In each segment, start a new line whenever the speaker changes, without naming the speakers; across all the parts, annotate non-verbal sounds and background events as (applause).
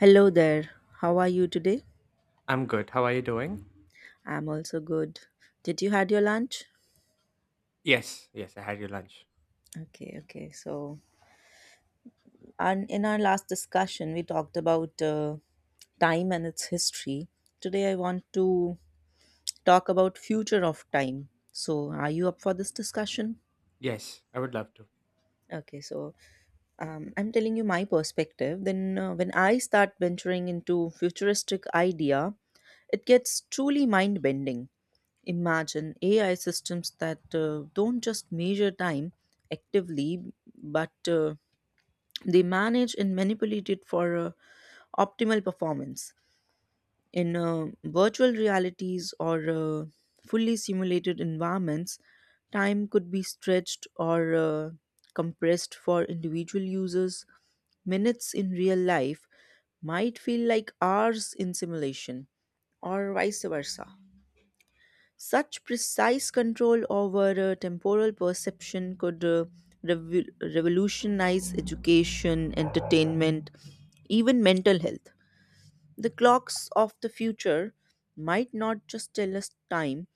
Hello there. How are you today?
I'm good. How are you doing?
I'm also good. Did you had your lunch?
Yes, yes, I had your lunch.
Okay, okay. And in our last discussion, we talked about time and its history. Today, I want to talk about future of time. So, are you up for this discussion?
Yes, I would love
Okay, so I'm telling you my perspective. Then, when I start venturing into futuristic idea, it gets truly mind bending. Imagine AI systems that don't just measure time actively, but they manage and manipulate it for optimal performance. In virtual realities or fully simulated environments, time could be stretched or compressed for individual users. Minutes in real life might feel like hours in simulation, or vice versa. Such precise control over temporal perception could revolutionize education, entertainment, even mental health. The clocks of the future might not just tell us time,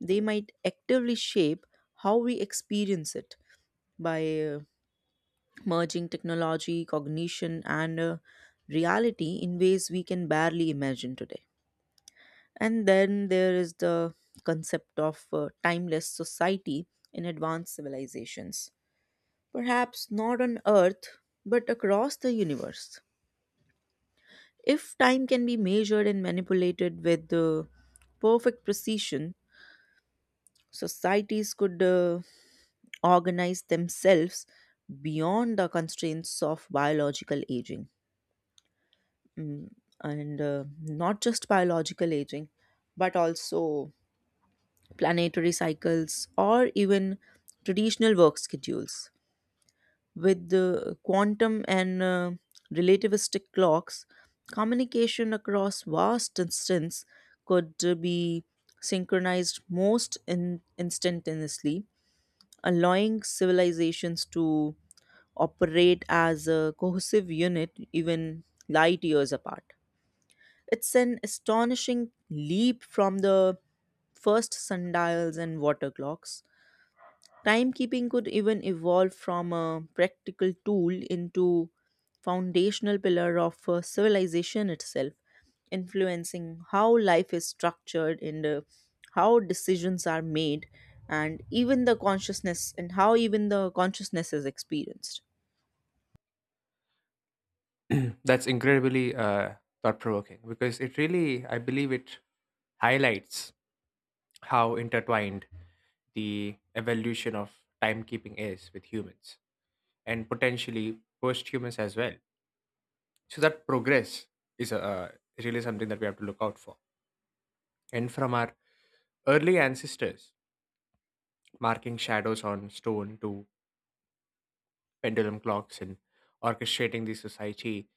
they might actively shape how we experience it by merging technology, cognition, and reality in ways we can barely imagine today. And then there is the concept of timeless society in advanced civilizations. Perhaps not on Earth, but across the universe. If time can be measured and manipulated with perfect precision, societies could organize themselves beyond the constraints of biological aging. Mm, And not just biological aging, but also planetary cycles, or even traditional work schedules. With the quantum and relativistic clocks, communication across vast distances could be synchronized most instantaneously, allowing civilizations to operate as a cohesive unit even light years apart. It's an astonishing leap from the first sundials and water clocks. Timekeeping could even evolve from a practical tool into foundational pillar of civilization itself, influencing how life is structured and how decisions are made and even the consciousness and how even the consciousness is experienced.
to. (clears throat) That's incredibly thought provoking because it really, I believe, it highlights how intertwined the evolution of timekeeping is with humans and potentially post humans as well. So, that progress is really something that we have to look out for. And from our early ancestors, marking shadows on stone to pendulum clocks and orchestrating the society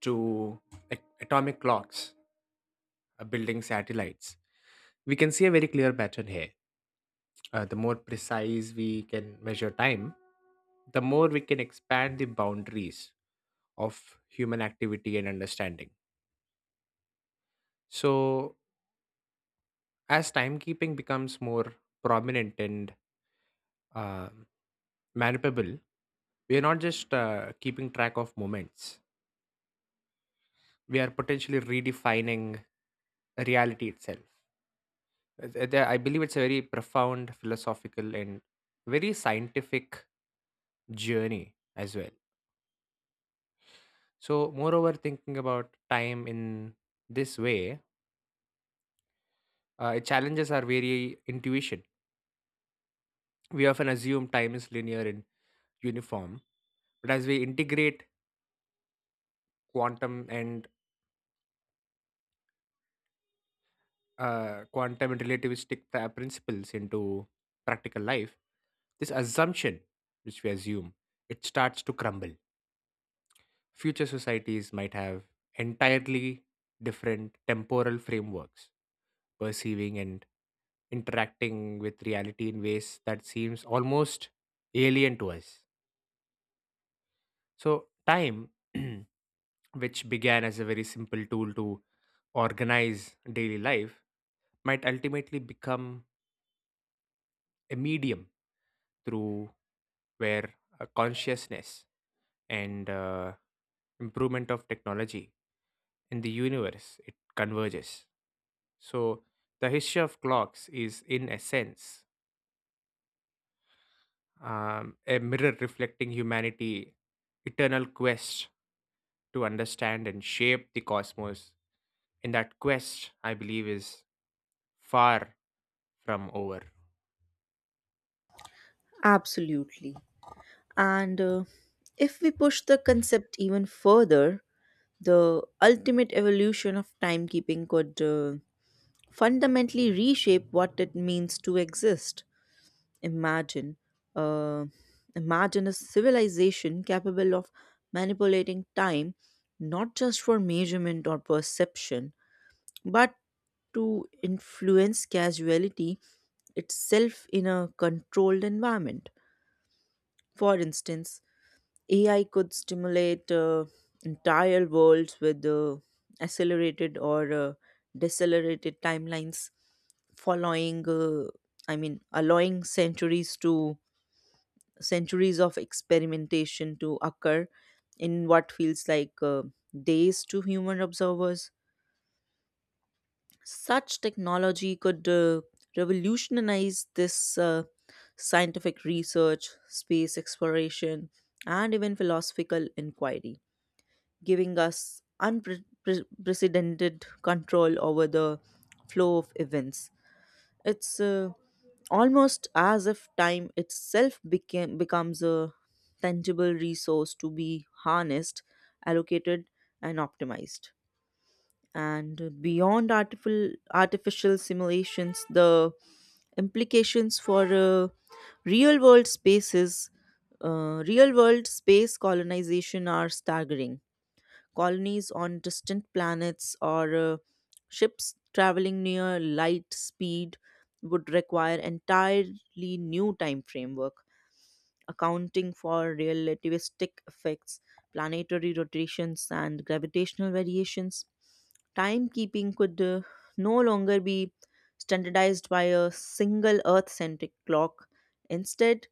to atomic clocks building satellites, we can see a very clear pattern here. The more precise we can measure time, the more we can expand the boundaries of human activity and understanding. So, as timekeeping becomes more prominent and uh, manipulable, we are not just keeping track of moments, we are potentially redefining reality itself. I believe it's a very profound philosophical and very scientific journey as well. So, moreover, thinking about time in this way, it challenges our very intuition. We often assume time is linear and uniform, but as we integrate quantum and quantum and relativistic principles into practical life, this assumption, which we assume, it starts to crumble. Future societies might have entirely different temporal frameworks, perceiving and interacting with reality in ways that seems almost alien to us. So, time, (clears throat) which began as a very simple tool to organize daily life, might ultimately become a medium through where consciousness and improvement of technology in the universe it converges. So the history of clocks is in essence a mirror reflecting humanity eternal quest to understand and shape the cosmos, and that quest, I believe, is far from over.
Absolutely. And if we push the concept even further, the ultimate evolution of timekeeping could fundamentally reshape what it means to exist. Imagine, uh, imagine a civilization capable of manipulating time not just for measurement or perception, but to influence casuality itself in a controlled environment. For instance, AI could stimulate entire worlds with accelerated or decelerated timelines, following, uh, allowing centuries to centuries of experimentation to occur in what feels like days to human observers. Such technology could revolutionize this scientific research, space exploration, and even philosophical inquiry, giving us unprecedented control over the flow of events. It's almost as if becomes a tangible resource to be harnessed, allocated, and optimized. And beyond artificial simulations, the implications for real world real world space colonization are staggering. Colonies on distant planets, or ships traveling near light speed would require entirely new time framework accounting for relativistic effects, planetary rotations, and gravitational variations. Timekeeping could no longer be standardized by a single Earth centric clock. Instead,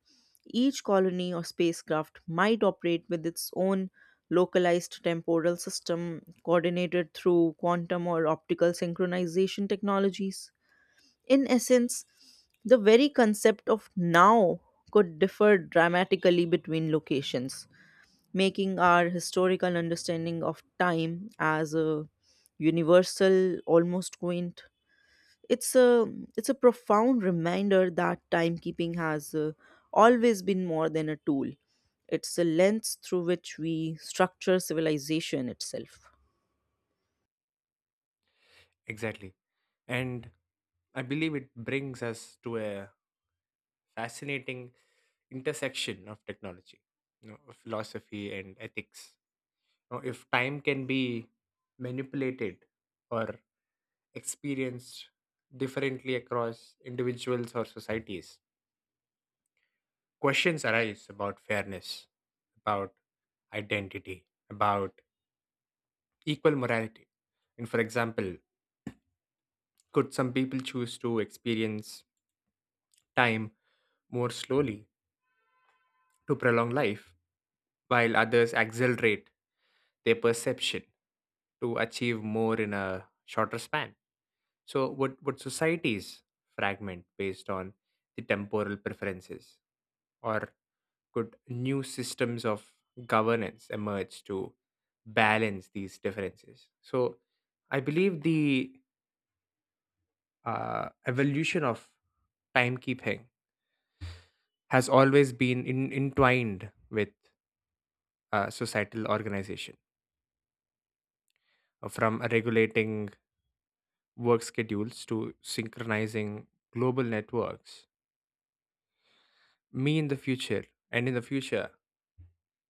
each colony or spacecraft might operate with its own localized temporal system coordinated through quantum or optical synchronization technologies. In essence, the very concept of now could differ dramatically between locations, making our historical understanding of time as a universal almost quaint. It's a it's a profound reminder that timekeeping has always been more than a tool. It's a lens through which we structure civilization itself.
Exactly. And I believe it brings us to a fascinating intersection of technology, you know, philosophy and ethics. Now, if time can be manipulated or experienced differently across individuals or societies, questions arise about fairness, about identity, about equal morality. And for example, could some people choose to experience time more slowly to prolong life, while others accelerate their perception to achieve more in a shorter span? So, would societies fragment based on the temporal preferences? Or could new systems of governance emerge to balance these differences? So, I believe the evolution of timekeeping has always been in, entwined with societal organization, from regulating work schedules to synchronizing global networks. Me in the future, and in the future,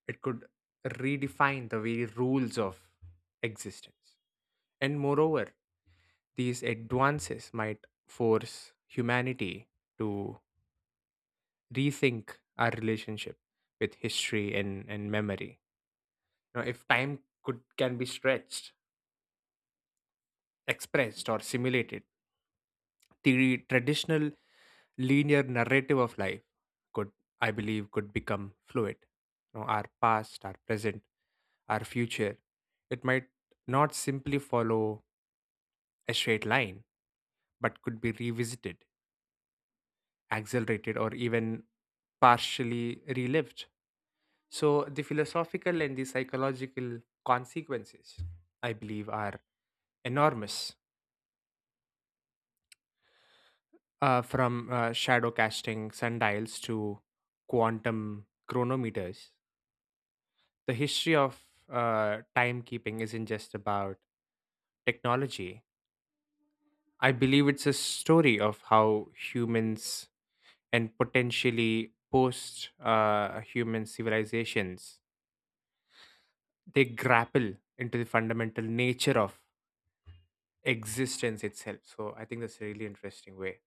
it could redefine the very rules of existence. And moreover, these advances might force humanity to rethink our relationship with history and memory. You know, if time could can be stretched, expressed or simulated, the traditional linear narrative of life could, I believe, could become fluid. You know, our past, our present, our future. It might not simply follow a straight line, but could be revisited, accelerated, or even partially relived. So, the philosophical and the psychological consequences, I believe, are enormous. From shadow casting sundials to quantum chronometers. The history of timekeeping isn't just about technology. I believe it's a story of how humans and potentially post human civilizations they grapple into the fundamental nature of existence itself. So I think that's a really interesting way.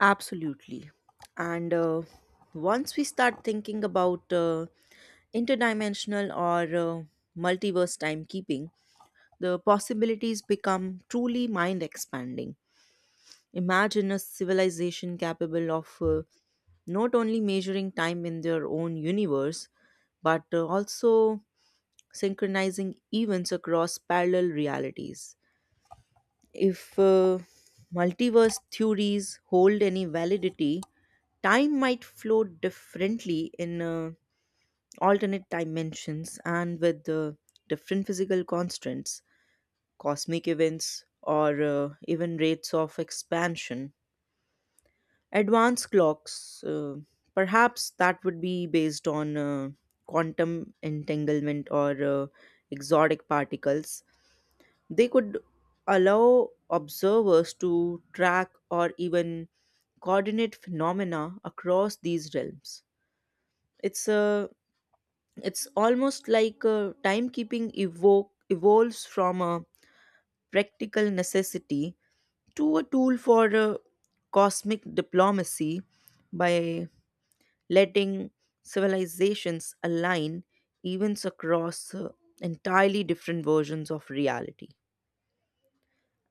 Absolutely. And once we start thinking about interdimensional or multiverse timekeeping, the possibilities become truly mind expanding. Imagine a civilization capable of not only measuring time in their own universe, but also synchronizing events across parallel realities. If multiverse theories hold any validity, time might flow differently in alternate dimensions and with different physical constants, cosmic events, or even rates of expansion. Advanced clocks, perhaps that would be based on quantum entanglement or exotic particles. They could allow observers to track or even coordinate phenomena across these realms. It's a it's almost like timekeeping evolves from a practical necessity to a tool for cosmic diplomacy by letting civilizations align events across entirely different versions of reality,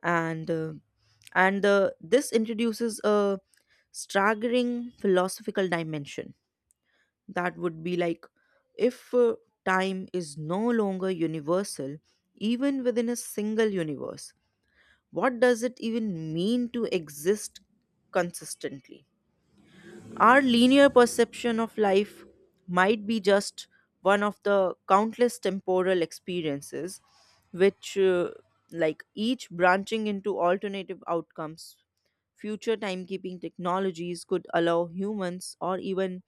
and uh, and this introduces a staggering philosophical dimension that would be like if time is no longer universal even within a single universe. What does it even mean to exist consistently? Our linear perception of life might be just one of the countless temporal experiences, which, uh, like each branching into alternative outcomes. Future timekeeping technologies could allow humans or even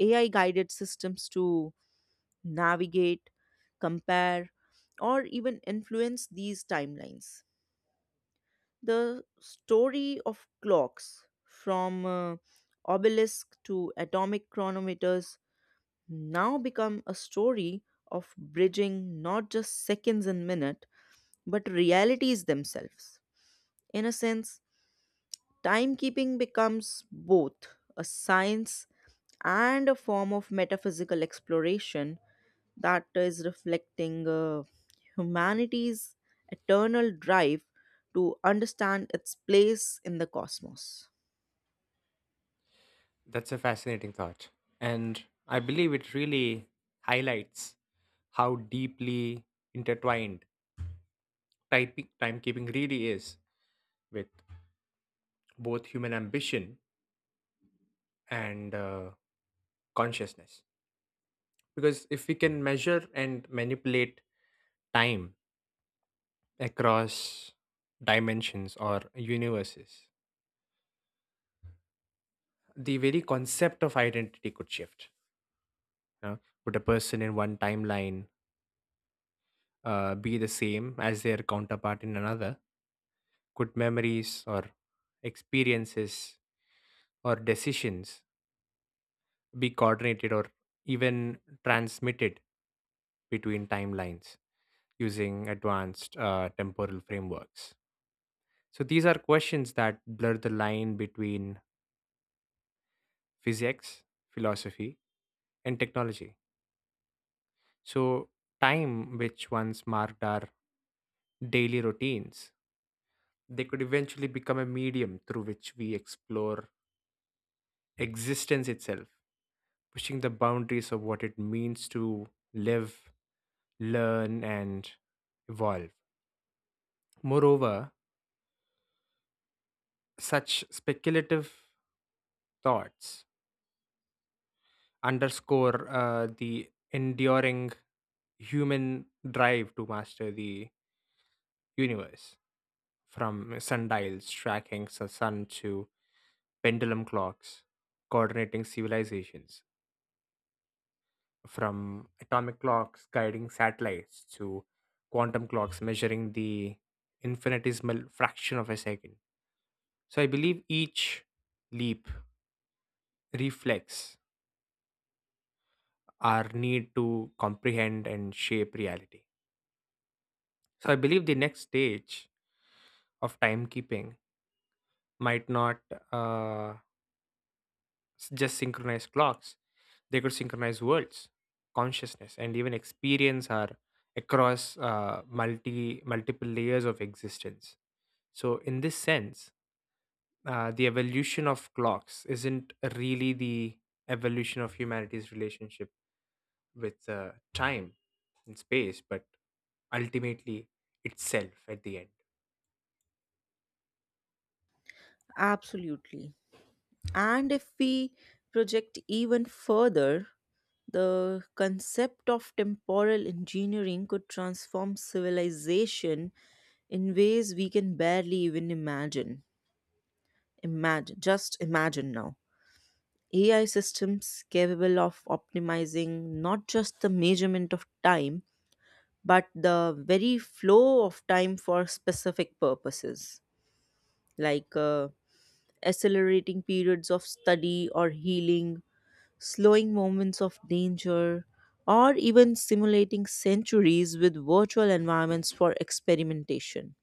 AI guided systems to navigate, compare, or even influence these timelines. The story of clocks from obelisk to atomic chronometers now become a story of bridging not just seconds and minutes but realities themselves. In a sense, timekeeping becomes both a science and a form of metaphysical exploration that is reflecting humanity's eternal drive to understand its place in the cosmos.
That's a fascinating thought. And I believe it really highlights how deeply intertwined timekeeping really is with both human ambition and consciousness. Because if we can measure and manipulate time across dimensions or universes, the very concept of identity could shift. You know? Would a person in one timeline be the same as their counterpart in another? Could memories or experiences or decisions be coordinated or even transmitted between timelines using advanced temporal frameworks? So these are questions that blur the line between physics, philosophy, and technology. So time, which once marked our daily routines, they could eventually become a medium through which we explore existence itself, pushing the boundaries of what it means to live, learn, and evolve. Moreover, such speculative thoughts underscore the enduring human drive to master the universe, from sundials tracking the sun to pendulum clocks coordinating civilizations, from atomic clocks guiding satellites to quantum clocks measuring the infinitesimal fraction of a second. So I believe each leap reflects our need to comprehend and shape reality. So I believe the next stage of timekeeping might not uh, just synchronize clocks, they could synchronize worlds, consciousness, and even experience are across multiple layers of existence. So, in this sense, the evolution of clocks isn't really the evolution of humanity's relationship with time and space, but ultimately itself at the end.
Absolutely. And if we project even further, the concept of temporal engineering could transform civilization in ways we can barely even imagine. Imagine, just imagine now. AI systems capable of optimizing not just the measurement of time, but the very flow of time for specific purposes, like accelerating periods of study or healing, slowing moments of danger, or even simulating centuries with virtual environments for experimentation.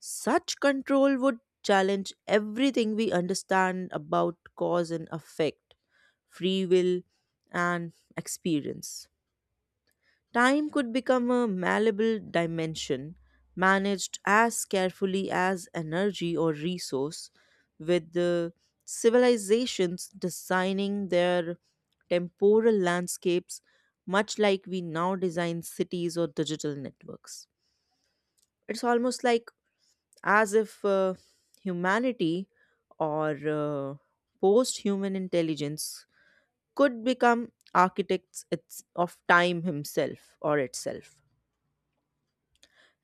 Such control would challenge everything we understand about cause and effect, free will, and experience. Time could become a malleable dimension, managed as carefully as energy or resource, with the civilizations designing their temporal landscapes, much like we now design cities or digital networks. It's almost like as if humanity or post human intelligence could become architects of time himself or itself.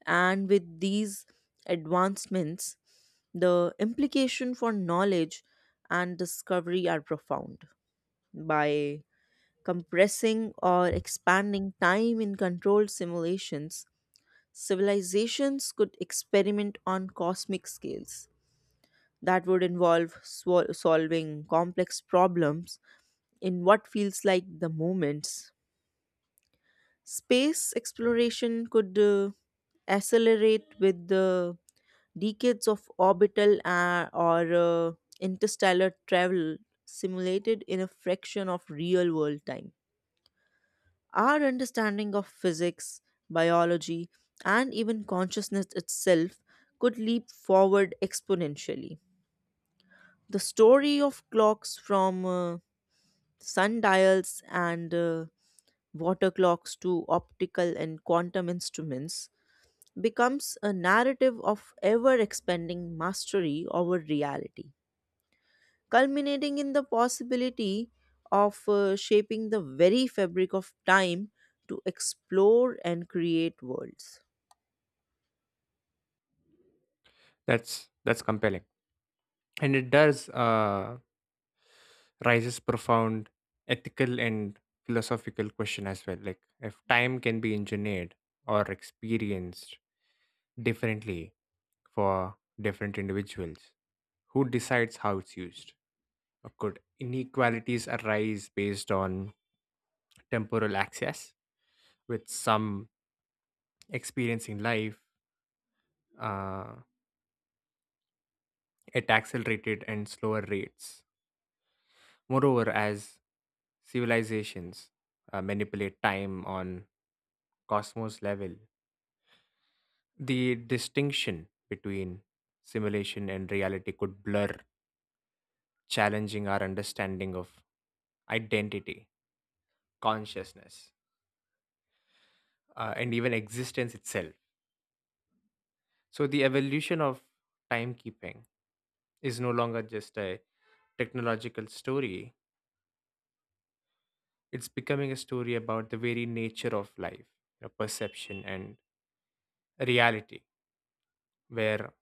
And with these advancements, the implication for knowledge and discovery are profound. By compressing or expanding time in controlled simulations, civilizations could experiment on cosmic scales that would involve solving complex problems in what feels like the moments. Space exploration could accelerate with the decades of orbital or interstellar travel simulated in a fraction of real world time. Our understanding of physics, biology, and even consciousness itself could leap forward exponentially. The story of clocks from sundials and water clocks to optical and quantum instruments becomes a narrative of ever expanding mastery over reality, culminating in the possibility of shaping the very fabric of time to explore and create worlds.
That's compelling. And it does raises profound ethical and philosophical question as well, like if time can be engineered or experienced differently for different individuals, who decides how it's used, or could inequalities arise based on temporal access, with some experiencing life uh, at accelerated and slower rates. Moreover, as civilizations manipulate time on cosmos level, the distinction between simulation and reality could blur, challenging our understanding of identity, consciousness, and even existence itself. So, the evolution of timekeeping is no longer just a technological story, it's becoming a story about the very nature of life, you know, perception, and reality, where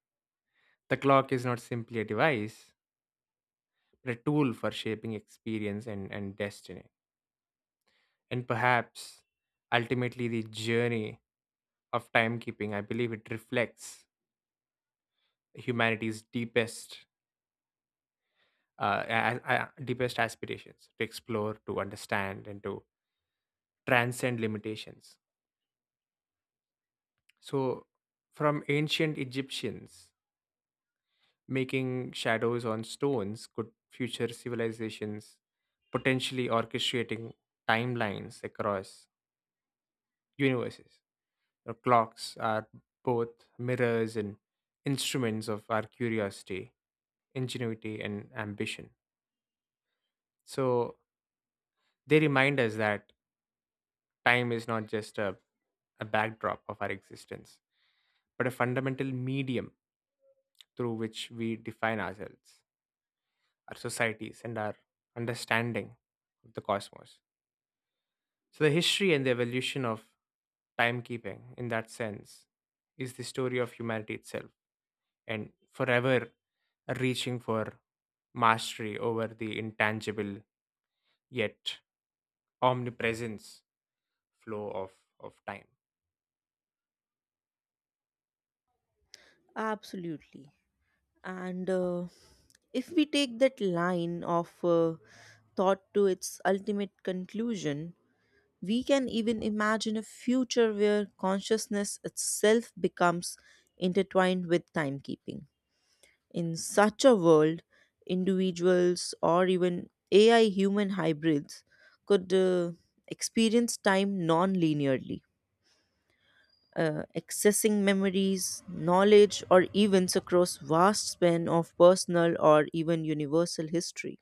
the clock is not simply a device, but a tool for shaping experience and destiny. And perhaps ultimately the journey of timekeeping, I believe it reflects humanity's deepest uh, a- deepest aspirations to explore, to understand, and to transcend limitations. So, from ancient Egyptians making shadows on stones, could future civilizations potentially orchestrating timelines across universes. The clocks are both mirrors and instruments of our curiosity, ingenuity, and ambition. So they remind us that time is not just a backdrop of our existence, but a fundamental medium through which we define ourselves, our societies, and our understanding of the cosmos. So the history and the evolution of timekeeping, in that sense, is the story of humanity itself and forever reaching for mastery over the intangible yet omnipresence flow of time.
Absolutely. And if we take that line of thought to its ultimate conclusion, we can even imagine a future where consciousness itself becomes intertwined with timekeeping. In such a world, individuals or even AI human hybrids could experience time non linearly, accessing memories, knowledge, or events across vast span of personal or even universal history.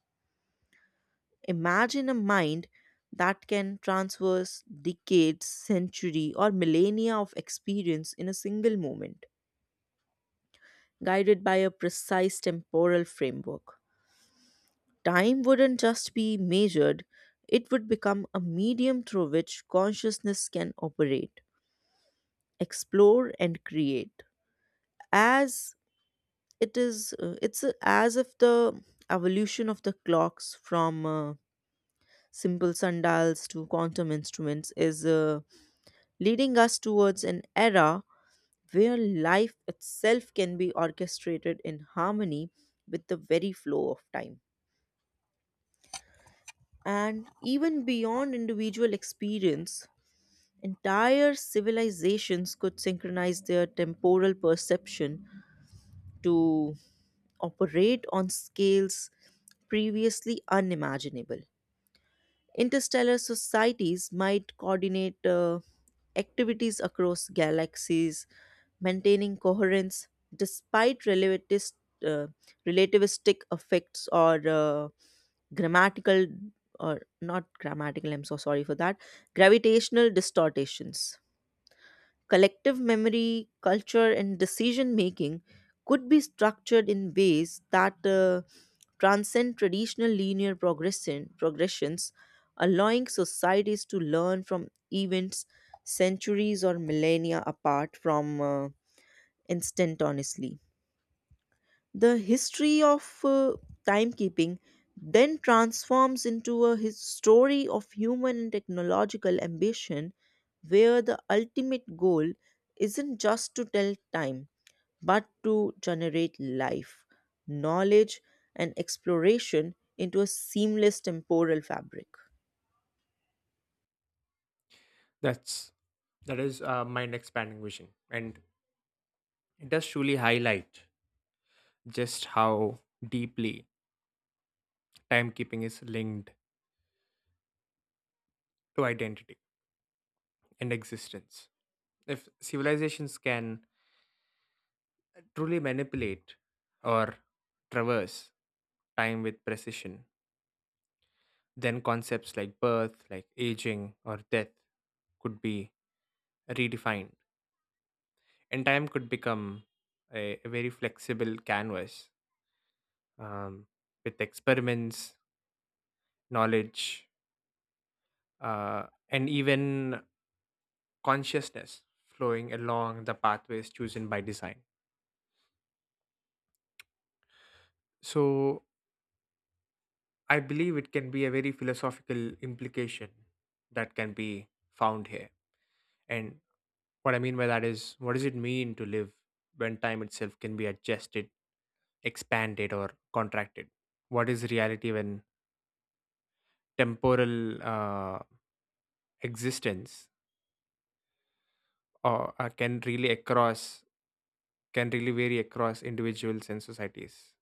Imagine a mind that can traverse decades, century, or millennia of experience in a single moment, guided by a precise temporal framework. Time wouldn't just be measured, it would become a medium through which consciousness can operate, explore, and create. As it is it's as if the evolution of the clocks from simple sundials to quantum instruments is leading us towards an era where life itself can be orchestrated in harmony with the very flow of time. And even beyond individual experience, entire civilizations could synchronize their temporal perception to operate on scales previously unimaginable. Interstellar societies might coordinate activities across galaxies, maintaining coherence despite uh, relativistic effects or grammatical or not grammatical, I'm so sorry for that, gravitational distortions. Collective memory, culture, and decision making could be structured in ways that transcend traditional linear progressions, allowing societies to learn from events centuries or millennia apart from instant honestly. The history of timekeeping then transforms into a story of human and technological ambition where the ultimate goal isn't just to tell time but to generate life, knowledge, and exploration into a seamless temporal fabric.
That's that is a mind expanding vision, and it does truly highlight just how deeply timekeeping is linked to identity and existence. If civilizations can truly manipulate or traverse time with precision, then concepts like birth, like aging, or death could be redefined, and time could become a very flexible canvas um, with experiments, knowledge, uh, and even consciousness flowing along the pathways chosen by design. So, I believe it can be a very philosophical implication that can be found here. And what I mean by that is, what does it mean to live when time itself can be adjusted, expanded or contracted? What is reality when temporal existence or can really across can really vary across individuals and societies?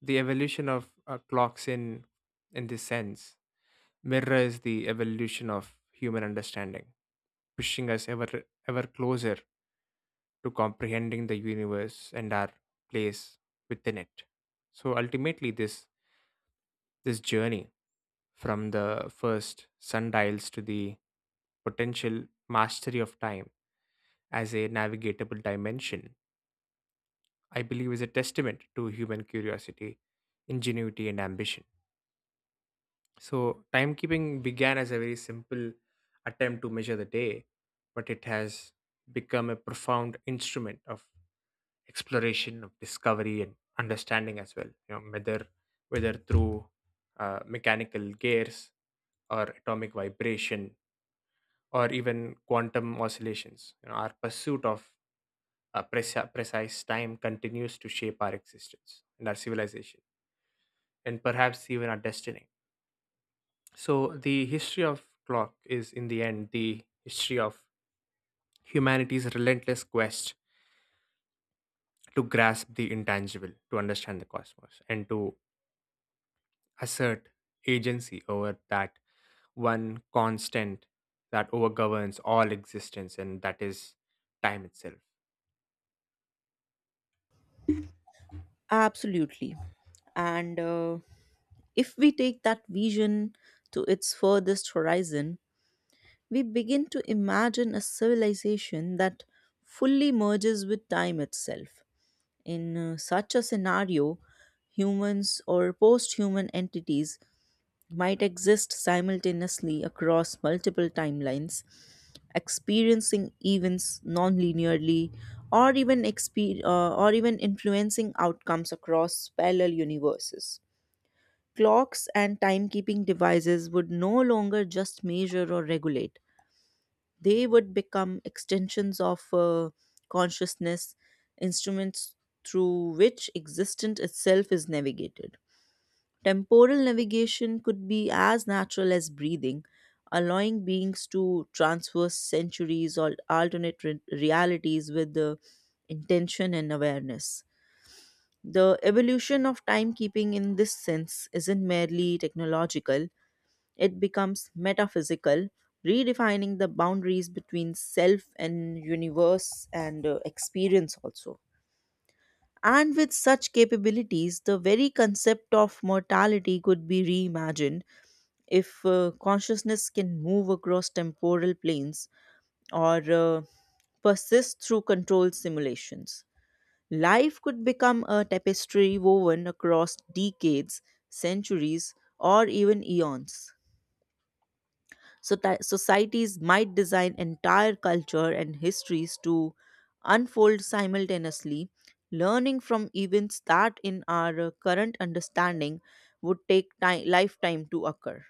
The evolution of clocks in this sense mirrors the evolution of human understanding, pushing us ever closer to comprehending the universe and our place within it. So ultimately, this journey from the first sundials to the potential mastery of time as a navigatable dimension, I believe is a testament to human curiosity, ingenuity, and ambition. So, timekeeping began as a very simple attempt to measure the day, but it has become a profound instrument of exploration, of discovery, and understanding as well. You know, whether through mechanical gears or atomic vibration or even quantum oscillations. You know, our pursuit of a precise time continues to shape our existence and our civilization, and perhaps even our destiny. So, the history of clock is, in the end, the history of humanity's relentless quest to grasp the intangible, to understand the cosmos, and to assert agency over that one constant that overgoverns all existence, and that is time itself.
Absolutely. And if we take that vision to its furthest horizon, we begin to imagine a civilization that fully merges with time itself. In such a scenario, humans or post human entities might exist simultaneously across multiple timelines, experiencing events non-linearly, or even or even influencing outcomes across parallel universes. Clocks and timekeeping devices would no longer just measure or regulate; they would become extensions of consciousness, instruments through which existence itself is navigated. Temporal navigation could be as natural as breathing, allowing beings to traverse centuries or alternate realities with the intention and awareness. The evolution of timekeeping in this sense isn't merely technological, it becomes metaphysical, redefining the boundaries between self and universe and experience also. And with such capabilities, the very concept of mortality could be reimagined. If consciousness can move across temporal planes or persist through controlled simulations, life could become a tapestry woven across decades, centuries, or even eons. So, that societies might design entire culture and histories to unfold simultaneously, learning from events that, in our current understanding, would take time, lifetime to occur.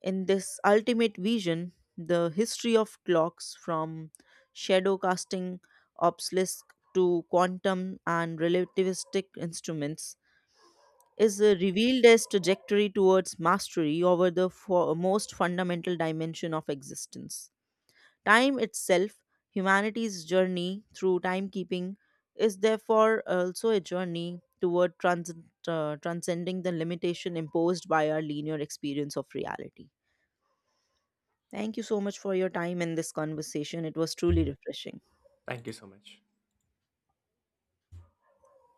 In this ultimate vision, the history of clocks from shadow casting obelisk to quantum and relativistic instruments is revealed as trajectory towards mastery over the most fundamental dimension of existence. Time itself, humanity's journey through timekeeping, is therefore also a journey toward transcending the limitation imposed by our linear experience of reality. Thank you so much for your time and this conversation. It was truly refreshing.
Thank you so much.